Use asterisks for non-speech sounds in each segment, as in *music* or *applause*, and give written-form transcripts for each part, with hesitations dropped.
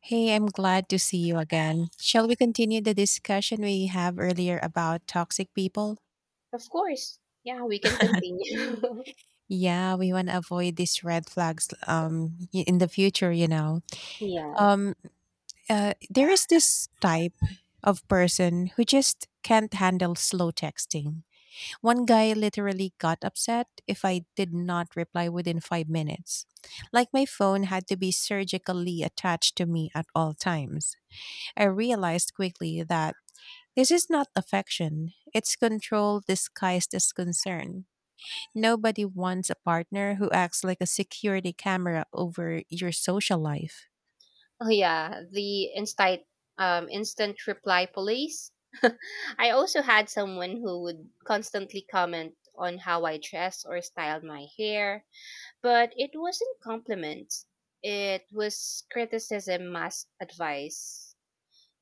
Hey, I'm glad to see you again. Shall we continue the discussion we have earlier about toxic people? Of course. Yeah, we can *laughs* continue. *laughs* Yeah, we want to avoid these red flags in the future, you know. Yeah. Um there is this type of person who just can't handle slow texting. One guy literally got upset if I did not reply within 5 minutes. Like my phone had to be surgically attached to me at all times. I realized quickly that this is not affection, it's control disguised as concern. Nobody wants a partner who acts like a security camera over your social life. Oh yeah, the instant instant reply police. I also had someone who would constantly comment on how I dress or styled my hair, but it wasn't compliments. It was criticism masked advice.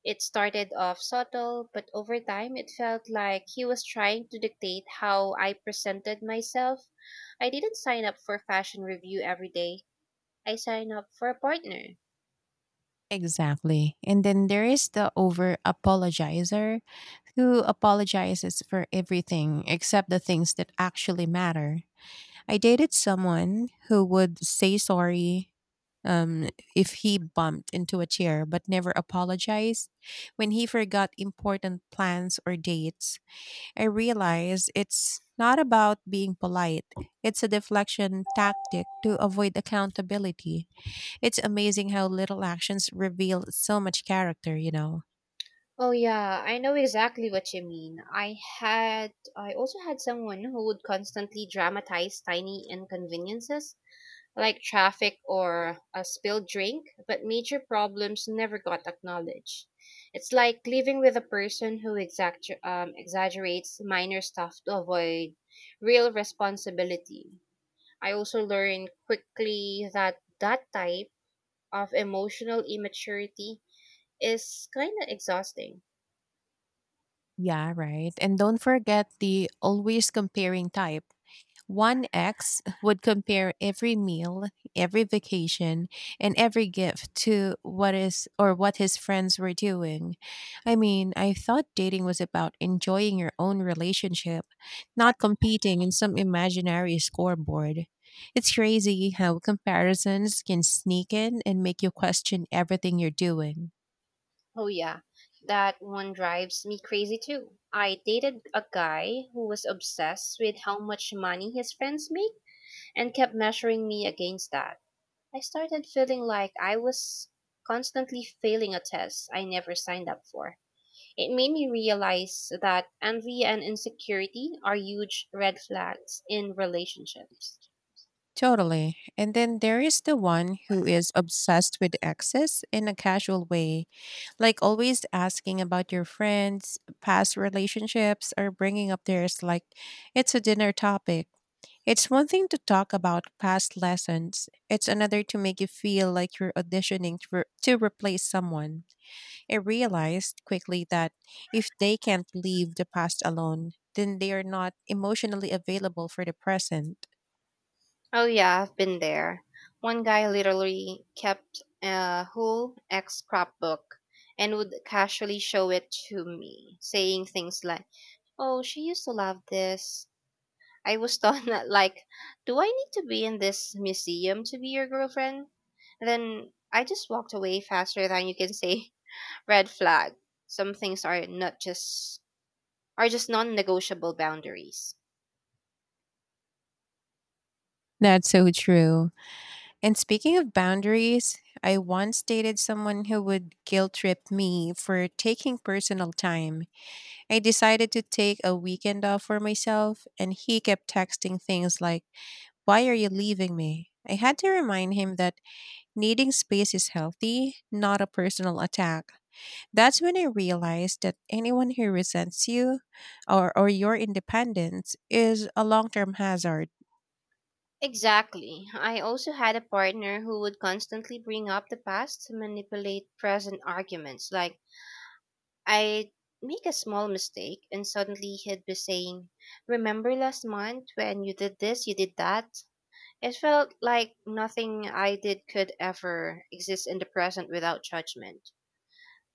It started off subtle, but over time it felt like he was trying to dictate how I presented myself. I didn't sign up for fashion review every day. I sign up for a partner. Exactly. And then there is the over apologizer who apologizes for everything except the things that actually matter. I dated someone who would say sorry um, if he bumped into a chair but never apologized when he forgot important plans or dates. I realize it's not about being polite. It's a deflection tactic to avoid accountability. It's amazing how little actions reveal so much character, you know. Oh yeah, I know exactly what you mean. I also had someone who would constantly dramatize tiny inconveniences like traffic or a spilled drink, but major problems never got acknowledged. It's like living with a person who exaggerates minor stuff to avoid real responsibility. I also learned quickly that that type of emotional immaturity is kind of exhausting. Yeah, right. And don't forget the always comparing type. One ex would compare every meal, every vacation, and every gift to what is or what his friends were doing. I mean, I thought dating was about enjoying your own relationship, not competing in some imaginary scoreboard. It's crazy how comparisons can sneak in and make you question everything you're doing. Oh, yeah. That one drives me crazy too. I dated a guy who was obsessed with how much money his friends make and kept measuring me against that. I started feeling like I was constantly failing a test I never signed up for. It made me realize that envy and insecurity are huge red flags in relationships. Totally. And then there is the one who is obsessed with exes in a casual way, like always asking about your friends, past relationships, or bringing up theirs like it's a dinner topic. It's one thing to talk about past lessons, it's another to make you feel like you're auditioning to, to replace someone. I realized quickly that if they can't leave the past alone, then they are not emotionally available for the present. Oh yeah, I've been there. One guy literally kept a whole ex scrapbook and would casually show it to me, saying things like, "Oh, she used to love this." I was thought *laughs* that like, "Do I need to be in this museum to be your girlfriend?" Then I just walked away faster than you can say *laughs* red flag. Some things are not just Are just non-negotiable boundaries. That's so true. And speaking of boundaries, I once dated someone who would guilt trip me for taking personal time. I decided to take a weekend off for myself, and he kept texting things like, "Why are you leaving me?" I had to remind him that needing space is healthy, not a personal attack. That's when I realized that anyone who resents you or your independence is a long term hazard. Exactly. I also had a partner who would constantly bring up the past to manipulate present arguments. Like, I'd make a small mistake, and suddenly he'd be saying, "Remember last month when you did this, you did that?" It felt like nothing I did could ever exist in the present without judgment.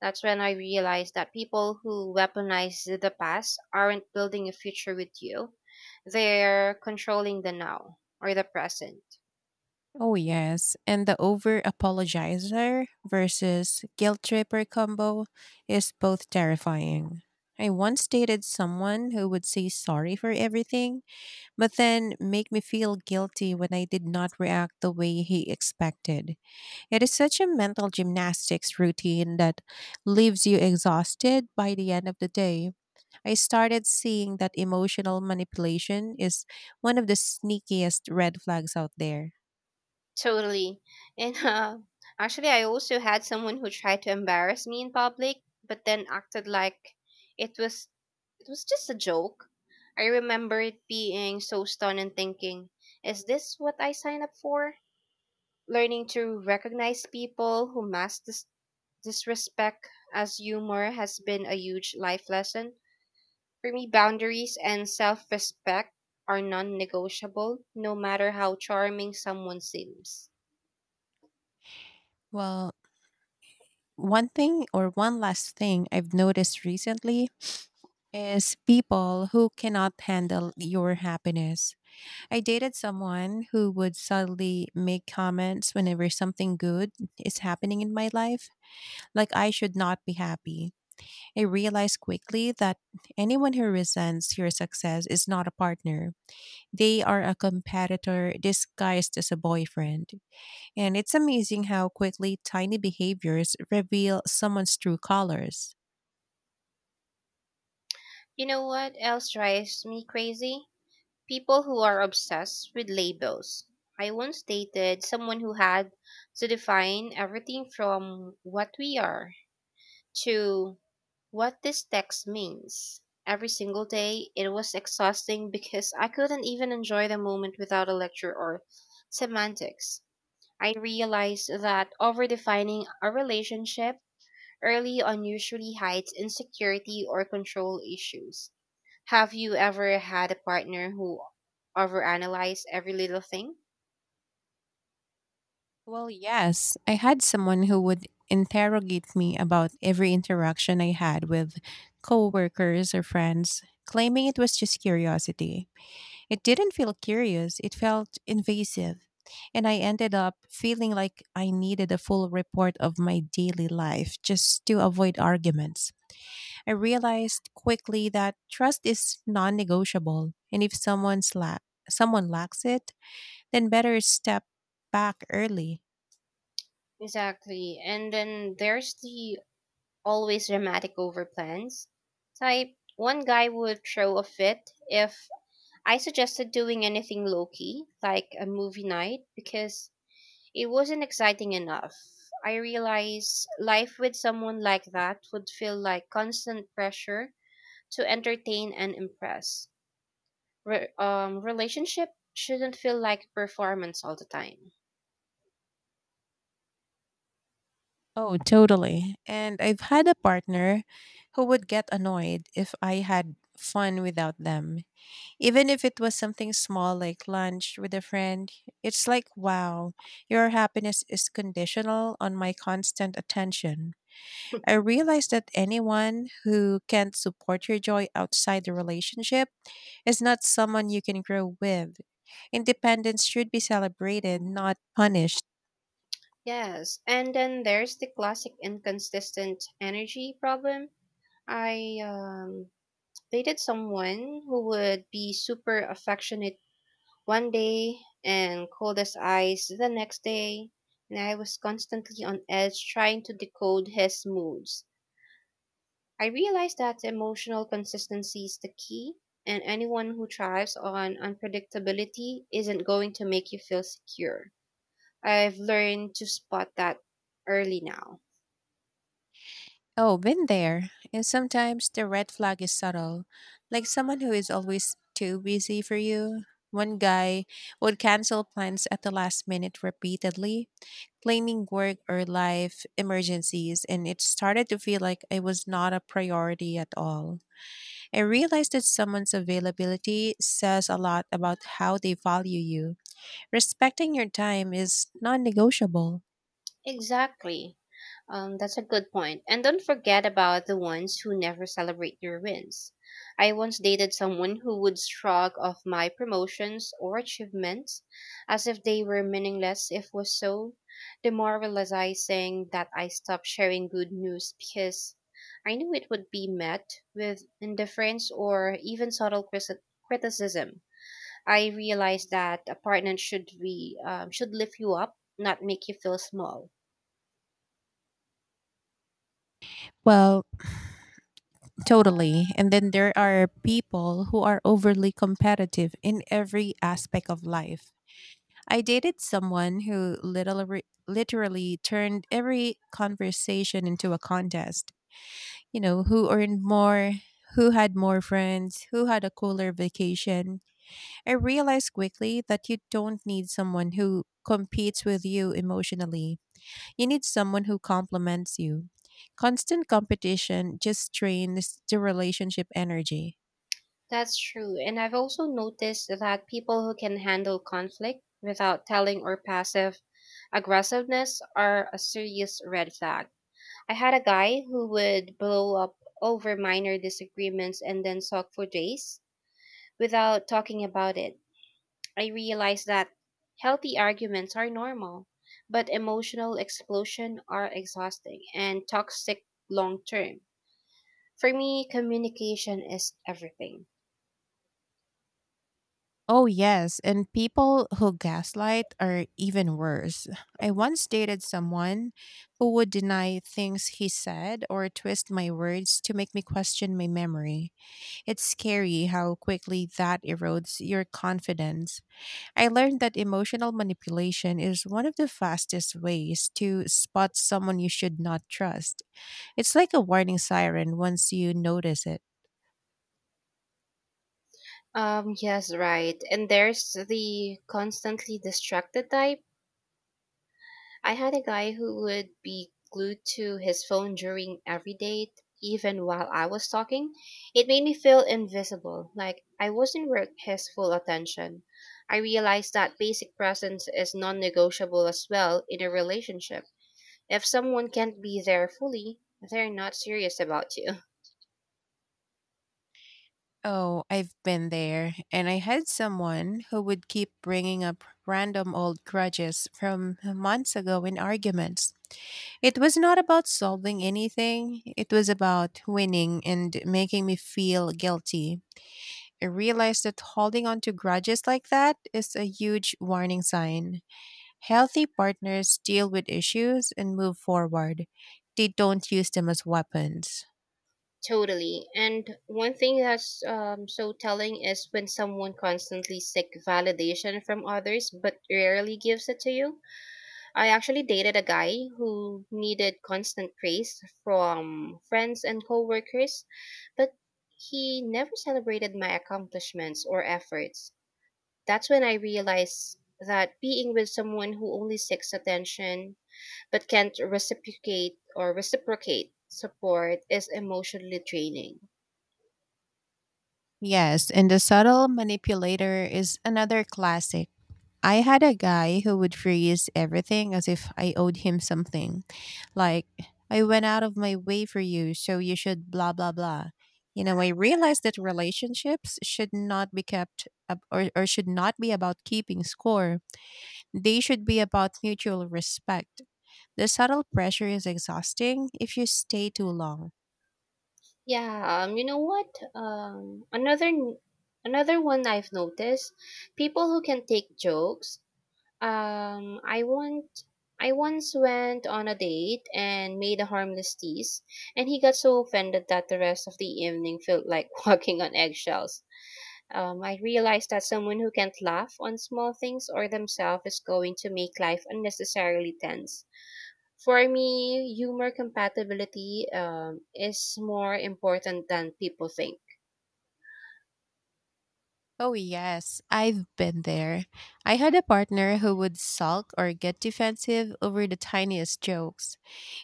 That's when I realized that people who weaponize the past aren't building a future with you. They're controlling the now or the present. Oh, yes. And the over apologizer versus guilt tripper combo is both terrifying. I once dated someone who would say sorry for everything, but then make me feel guilty when I did not react the way he expected. It is such a mental gymnastics routine that leaves you exhausted by the end of the day. I started seeing that emotional manipulation is one of the sneakiest red flags out there. Totally. And actually, I also had someone who tried to embarrass me in public, but then acted like it was it was just a joke. I remember it being so stunned and thinking, "Is this what I signed up for?" Learning to recognize people who mask disrespect as humor has been a huge life lesson. For me, boundaries and self-respect are non-negotiable, no matter how charming someone seems. Well, one thing or one last thing I've noticed recently is people who cannot handle your happiness. I dated someone who would suddenly make comments whenever something good is happening in my life, like I should not be happy. I realized quickly that anyone who resents your success is not a partner. They are a competitor disguised as a boyfriend. And it's amazing how quickly tiny behaviors reveal someone's true colors. You know what else drives me crazy? People who are obsessed with labels. I once dated someone who had to define everything from what we are to what this text means. Every single day, it was exhausting *laughs* because I couldn't even enjoy the moment without a lecture or semantics. I realized that overdefining a relationship early on usually hides insecurity or control issues. Have you ever had a partner who overanalyzed every little thing? Well, yes. I had someone who would interrogate me about every interaction I had with coworkers or friends, claiming it was just curiosity. It didn't feel curious, it felt invasive. And I ended up feeling like I needed a full report of my daily life just to avoid arguments. I realized quickly that trust is non negotiable. And if someone's la- someone lacks it, then better step back early. Exactly. And then there's the always dramatic over plans type. One guy would throw a fit if I suggested doing anything low key, like a movie night, because it wasn't exciting enough. I realized life with someone like that would feel like constant pressure to entertain and impress. Relationship shouldn't feel like performance all the time. Oh, totally. And I've had a partner who would get annoyed if I had fun without them. Even if it was something small like lunch with a friend, it's like, wow, your happiness is conditional on my constant attention. I *laughs* realize that anyone who can't support your joy outside the relationship is not someone you can grow with. Independence should be celebrated, not punished. Yes, and then there's the classic inconsistent energy problem. I dated someone who would be super affectionate one day and cold as ice the next day, and I was constantly on edge trying to decode his moods. I realized that emotional consistency is the key, and anyone who thrives on unpredictability isn't going to make you feel secure. I've learned to spot that early now. Oh, been there. And sometimes the red flag is subtle, like someone who is always too busy for you. One guy would cancel plans at the last minute repeatedly, claiming work or life emergencies, and it started to feel like I was not a priority at all. I realized that someone's availability says a lot about how they value you. Respecting your time is non negotiable. Exactly. That's a good point. And don't forget about the ones who never celebrate your wins. I once dated someone who would shrug off my promotions or achievements as if they were meaningless. If was so demoralizing that I stopped sharing good news because I knew it would be met with indifference or even subtle criticism. I realized that a partner should lift you up, not make you feel small. Well, totally. And then there are people who are overly competitive in every aspect of life. I dated someone who literally, literally turned every conversation into a contest. You know, who earned more, who had more friends, who had a cooler vacation. I realized quickly that you don't need someone who competes with you emotionally. You need someone who complements you. Constant competition just drains the relationship energy. That's true. And I've also noticed that people who can handle conflict without telling or passive aggressiveness are a serious red flag. I had a guy who would blow up over minor disagreements and then sulk for days without talking about it. I realized that healthy arguments are normal, but emotional explosion are exhausting and toxic long term. For me, communication is everything. Oh, yes. And people who gaslight are even worse. I once dated someone who would deny things he said or twist my words to make me question my memory. It's scary how quickly that erodes your confidence. I learned that emotional manipulation is one of the fastest ways to spot someone you should not trust. It's like a warning siren once you notice it. Yes, right. And there's the constantly distracted type. I had a guy who would be glued to his phone during every date, even while I was talking. It made me feel invisible, like I wasn't worth his full attention. I realized that basic presence is non negotiable as well in a relationship. If someone can't be there fully, they're not serious about you. Oh, I've been there. And I had someone who would keep bringing up random old grudges from months ago in arguments. It was not about solving anything, it was about winning and making me feel guilty. I realized that holding on to grudges like that is a huge warning sign. Healthy partners deal with issues and move forward, they don't use them as weapons. Totally. And one thing that's so telling is when someone constantly seek validation from others but rarely gives it to you. I actually dated a guy who needed constant praise from friends and coworkers, but he never celebrated my accomplishments or efforts. That's when I realized that being with someone who only seeks attention but can't reciprocate support is emotionally draining. Yes, and the subtle manipulator is another classic. I had a guy who would freeze everything as if I owed him something. Like, I went out of my way for you, so you should blah, blah, blah. You know, I realized that relationships should not be kept up or should not be about keeping score. They should be about mutual respect. The subtle pressure is exhausting if you stay too long. Yeah, you know what? Um, another n- Another one I've noticed, people who can take jokes. Um, I want I once went on a date and made a harmless tease, and he got so offended that the rest of the evening felt like *laughs* walking on eggshells. I realized that someone who can't laugh on small things or themselves is going to make life unnecessarily tense. For me, humor compatibility is more important than people think. Oh, yes, I've been there. I had a partner who would sulk or get defensive over the tiniest jokes,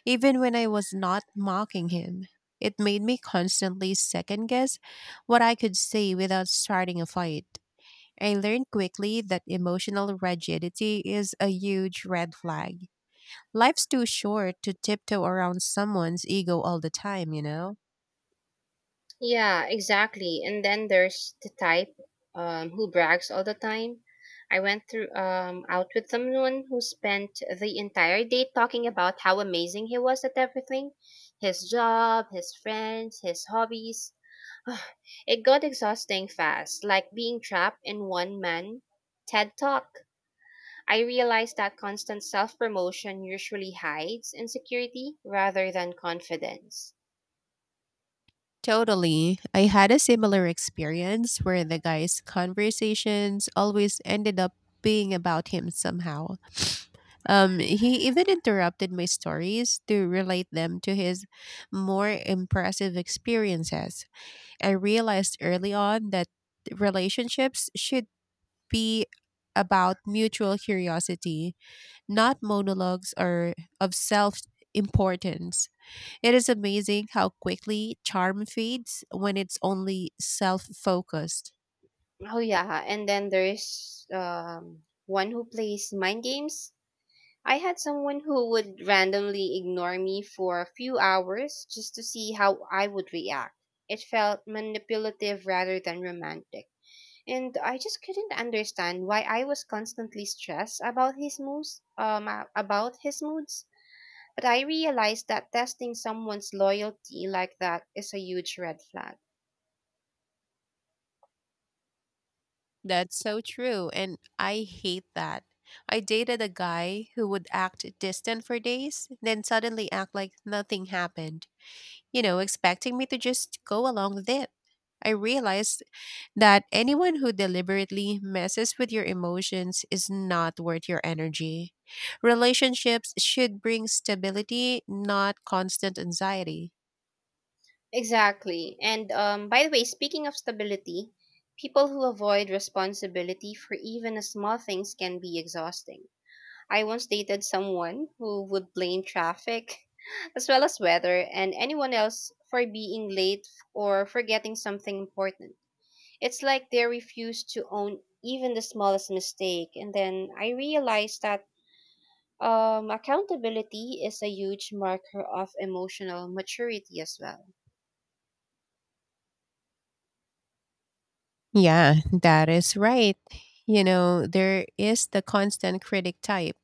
even when I was not mocking him. It made me constantly second guess what I could say without starting a fight. I learned quickly that emotional rigidity is a huge red flag. Life's too short to tiptoe around someone's ego all the time, you know? Yeah, exactly. And then there's the type who brags all the time. I went through out with someone who spent the entire day talking about how amazing he was at everything, his job, his friends, his hobbies. *sighs* It got exhausting fast, like being trapped in one man TED Talk. I realized that constant self promotion usually hides insecurity rather than confidence. Totally. I had a similar experience where the guy's conversations always ended up being about him somehow. He even interrupted my stories to relate them to his more impressive experiences. I realized early on that relationships should be about mutual curiosity, not monologues or of self importance. It is amazing how quickly charm fades when it's only self focused. Oh, yeah. And then there's one who plays mind games. I had someone who would randomly ignore me for a few hours just to see how I would react. It felt manipulative rather than romantic. And I just couldn't understand why I was constantly stressed about his moods. But I realized that testing someone's loyalty like that is a huge red flag. That's so true, and I hate that. I dated a guy who would act distant for days, then suddenly act like nothing happened, you know, expecting me to just go along with it. I realized that anyone who deliberately messes with your emotions is not worth your energy. Relationships should bring stability, not constant anxiety. Exactly. And By the way, speaking of stability, people who avoid responsibility for even a small things can be exhausting. I once dated someone who would blame traffic *laughs* as well as weather and anyone else for being late or forgetting something important. It's like they refuse to own even the smallest mistake. And then I realized that accountability is a huge marker of emotional maturity as well. Yeah, that is right. You know, there is the constant critic type.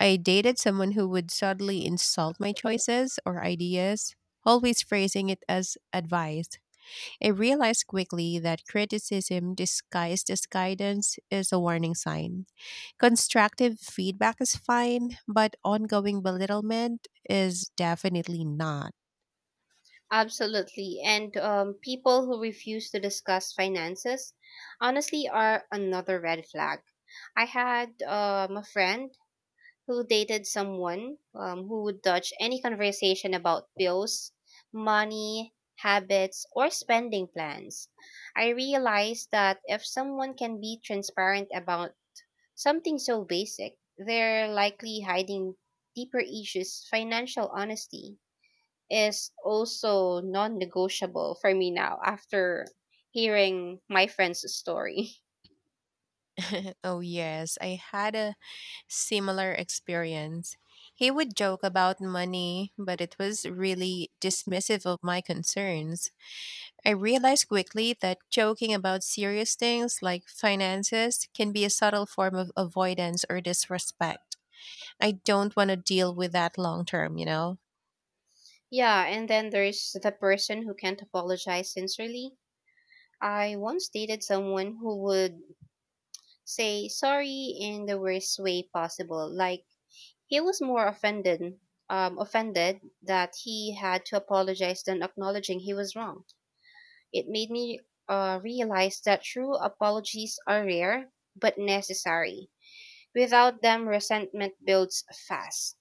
I dated someone who would subtly insult my choices or ideas, always phrasing it as advice. I realized quickly that criticism disguised as guidance is a warning sign. Constructive feedback is fine, but ongoing belittlement is definitely not. Absolutely. And people who refuse to discuss finances honestly are another red flag. I had a friend who dated someone who would dodge any conversation about bills, money, habits, or spending plans. I realized that if someone can be transparent about something so basic, they're likely hiding deeper issues. Financial honesty is also non negotiable for me now after hearing my friend's story. *laughs* Oh, yes, I had a similar experience. He would joke about money, but it was really dismissive of my concerns. I realized quickly that joking about serious things like finances can be a subtle form of avoidance or disrespect. I don't want to deal with that long term, you know? Yeah, and then there's the person who can't apologize sincerely. I once dated someone who would say sorry in the worst way possible. Like he was more offended that he had to apologize than acknowledging he was wrong. It made me realize that true apologies are rare but necessary. Without them, resentment builds fast.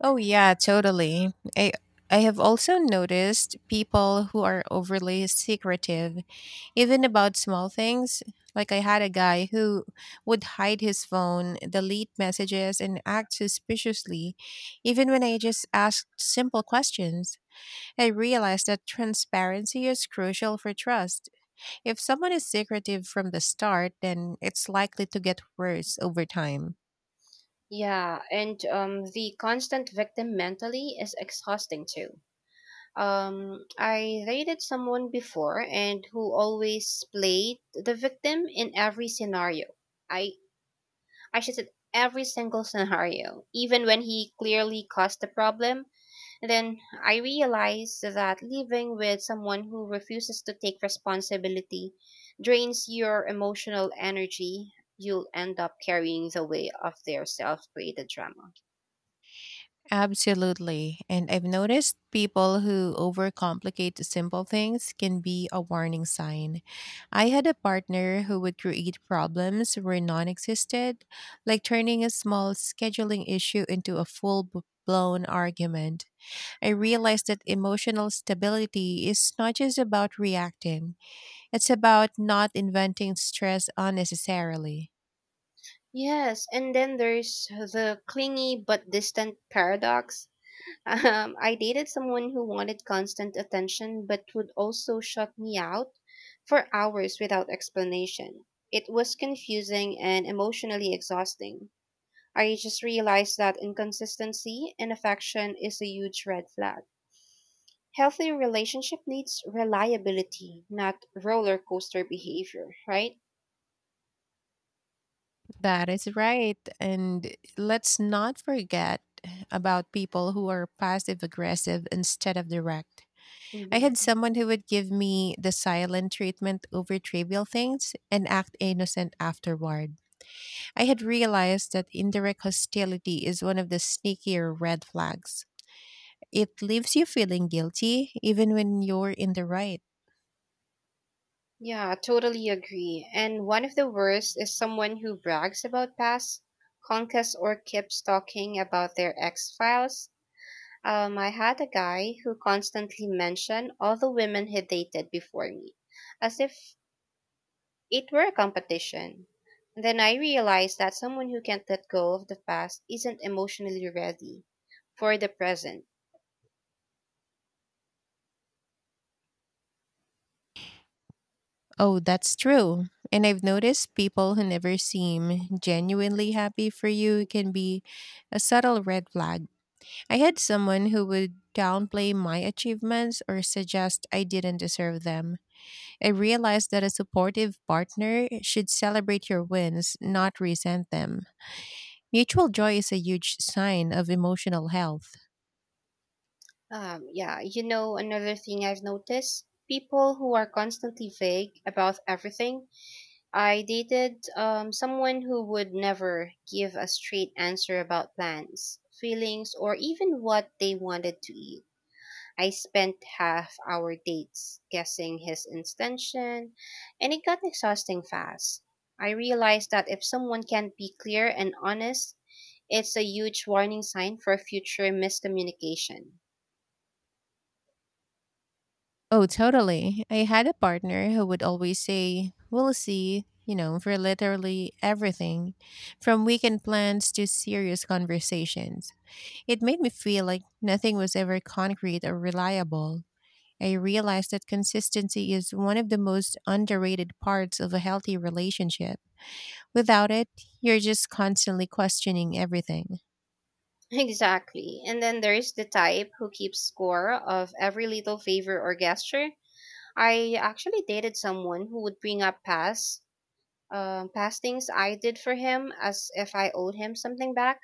Oh yeah, totally. I I have also noticed people who are overly secretive, even about small things. Like I had a guy who would hide his phone, delete messages, and act suspiciously, even when I just asked simple questions. I realized that transparency is crucial for trust. If someone is secretive from the start, then it's likely to get worse over time. Yeah, and The constant victim mentally is exhausting too. I rated someone before and who always played the victim in every scenario. I I should say every single scenario, even when he clearly caused the problem. Then I realized that living with someone who refuses to take responsibility drains your emotional energy. You'll end up carrying the weight of their self-created drama. Absolutely. And I've noticed people who overcomplicate the simple things can be a warning sign. I had a partner who would create problems where none existed, like turning a small scheduling issue into a full blown argument. I realized that emotional stability is not just about reacting, it's about not inventing stress unnecessarily. Yes, and then there's the clingy but distant paradox. *laughs* I dated someone who wanted constant attention but would also shut me out for hours without explanation. It was confusing and emotionally exhausting. I just realized that inconsistency in affection is a huge red flag. Healthy relationship needs reliability, not roller coaster behavior, right? That is right. And let's not forget about people who are passive aggressive instead of direct. I had Hmm. someone who would give me the silent treatment over trivial things and act innocent afterward. I had realized that indirect hostility is one of the sneakier red flags. It leaves you feeling guilty even when you're in the right. Yeah, totally agree. And one of the worst is someone who brags about past conquests or keeps talking about their ex files. I had a guy who constantly mentioned all the women he dated before me, as if it were a competition. Then I realized that someone who can't let go of the past isn't emotionally ready for the present. Oh, that's true. And I've noticed people who never seem genuinely happy for you can be a subtle red flag. I had someone who would downplay my achievements or suggest I didn't deserve them. I realized that a supportive partner should celebrate your wins, not resent them. Mutual joy is a huge sign of emotional health. Yeah, you know, another thing I've noticed people who are constantly vague about everything. I dated someone who would never give a straight answer about plans, feelings, or even what they wanted to eat. I spent half our dates guessing his intention, and it got exhausting fast. I realized that if someone can't be clear and honest, it's a huge warning sign for future miscommunication. *laughs* Oh, totally. I had a partner who would always say, "We'll see," you know, for literally everything, from weekend plans to serious conversations. It made me feel like nothing was ever concrete or reliable. I realized that consistency is one of the most underrated parts of a healthy relationship. Without it, you're just constantly questioning everything. Exactly. And then there is the type who keeps score of every little favor or gesture. I actually dated someone who would bring up past things I did for him as if I owed him something back.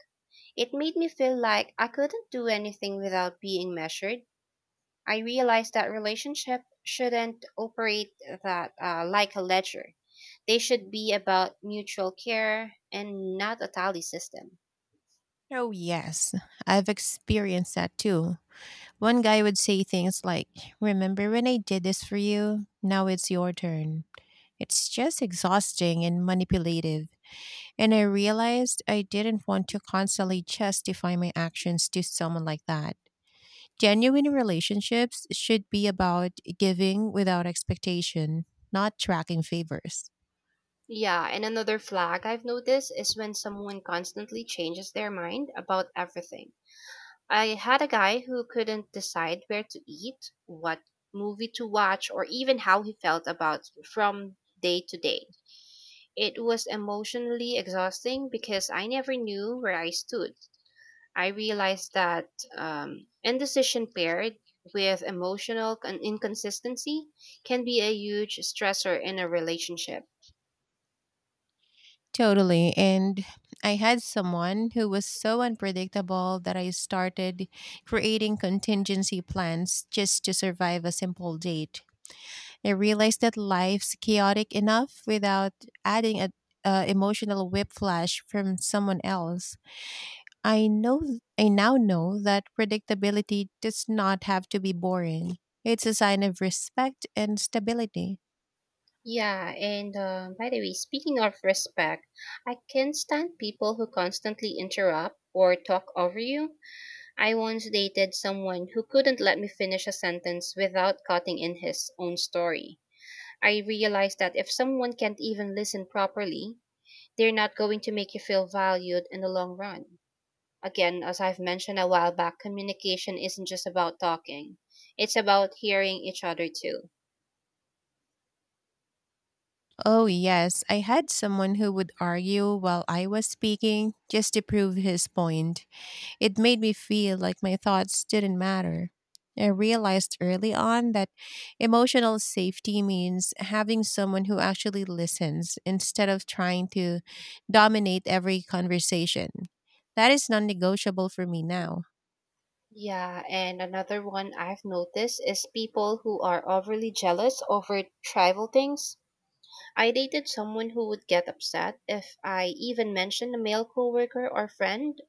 It made me feel like I couldn't do anything without being measured. I realized that relationship shouldn't operate that like a ledger. They should be about mutual care and not a tally system. Oh, yes, I've experienced that too. One guy would say things like, "Remember when I did this for you? Now it's your turn." It's just exhausting and manipulative. And I realized I didn't want to constantly justify my actions to someone like that. Genuine relationships should be about giving without expectation, not tracking favors. Yeah, and another flag I've noticed is when someone constantly changes their mind about everything. I had a guy who couldn't decide where to eat, what movie to watch, or even how he felt about from day to day. It was emotionally exhausting because I never knew where I stood. I realized that indecision paired with emotional inconsistency can be a huge stressor in a relationship. Totally. And I had someone who was so unpredictable that I started creating contingency plans just to survive a simple date. I realized that life's chaotic enough without adding a emotional whiplash from someone else. I know I now know that predictability does not have to be boring. It's a sign of respect and stability. Yeah, and By the way, speaking of respect, I can't stand people who constantly interrupt or talk over you. I once dated someone who couldn't let me finish a sentence without cutting in his own story. I realized that if someone can't even listen properly, they're not going to make you feel valued in the long run. Again, as I've mentioned a while back, communication isn't just about talking, it's about hearing each other too. Oh, yes, I had someone who would argue while I was speaking just to prove his point. It made me feel like my thoughts didn't matter. I realized early on that emotional safety means having someone who actually listens instead of trying to dominate every conversation. That is non negotiable for me now. Yeah, and another one I've noticed is people who are overly jealous over trivial things. I dated someone who would get upset if I even mentioned a male coworker or friend.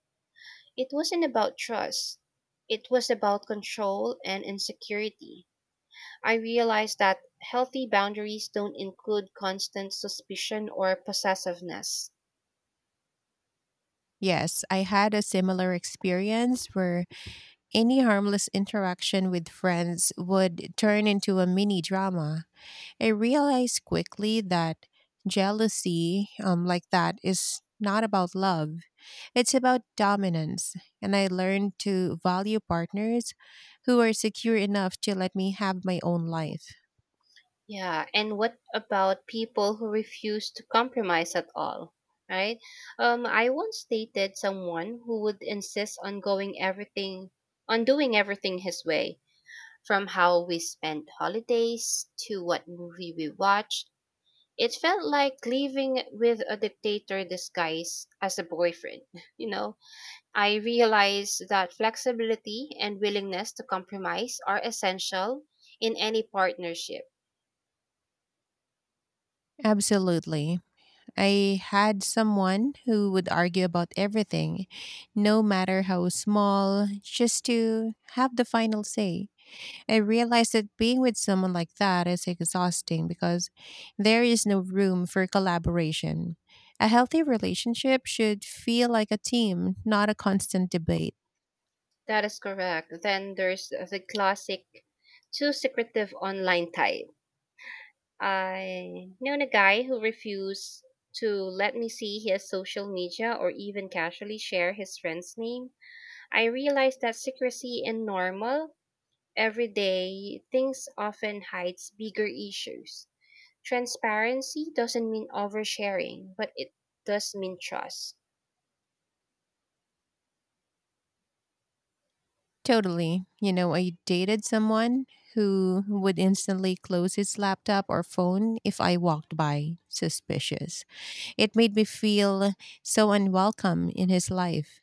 It wasn't about trust. It was about control and insecurity. I realized that healthy boundaries don't include constant suspicion or possessiveness. Yes, I had a similar experience where any harmless interaction with friends would turn into a mini drama. I realized quickly that jealousy, like that, is not about love, it's about dominance. And I learned to value partners who are secure enough to let me have my own life. Yeah, and what about people who refuse to compromise at all? Right? I once dated someone who would insist on on doing everything his way, from how we spent holidays to what movie we watched. It felt like living with a dictator disguised as a boyfriend. *laughs* You know, I realized that flexibility and willingness to compromise are essential in any partnership. Absolutely. I had someone who would argue about everything, no matter how small, just to have the final say. I realized that being with someone like that is exhausting because there is no room for collaboration. A healthy relationship should feel like a team, not a constant debate. That is correct. Then there's the classic too secretive online type. I known a guy who refused to let me see his social media or even casually share his friend's name. I realized that secrecy in normal, everyday things often hides bigger issues. Transparency doesn't mean oversharing, but it does mean trust. Totally. You know, I dated someone who would instantly close his laptop or phone if I walked by. Suspicious. It made me feel so unwelcome in his life.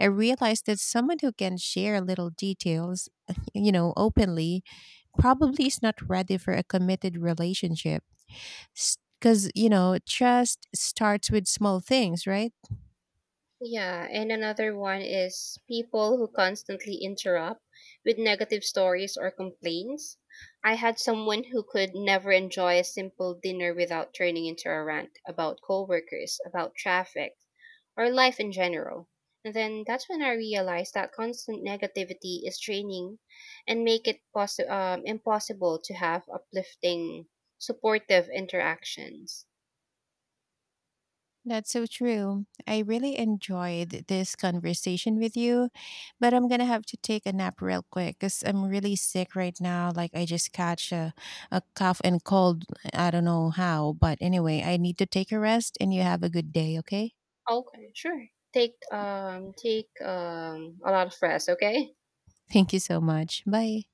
I realized that someone who can share little details, *laughs* you know, openly, probably is not ready for a committed relationship. Because, you know, trust starts with small things, right? Yeah, and another one is people who constantly interrupt with negative stories or complaints. I had someone who could never enjoy a simple dinner without turning into a rant about coworkers, about traffic, or life in general. And then that's when I realized that constant negativity is draining and make it impossible to have uplifting, supportive interactions. That's so true. I really enjoyed this conversation with you, but I'm gonna have to take a nap real quick because I'm really sick right now. Like, I just catch a cough and cold. I don't know how, but anyway, I need to take a rest and you have a good day, okay? Okay, sure. Take a lot of rest, okay? Thank you so much. Bye.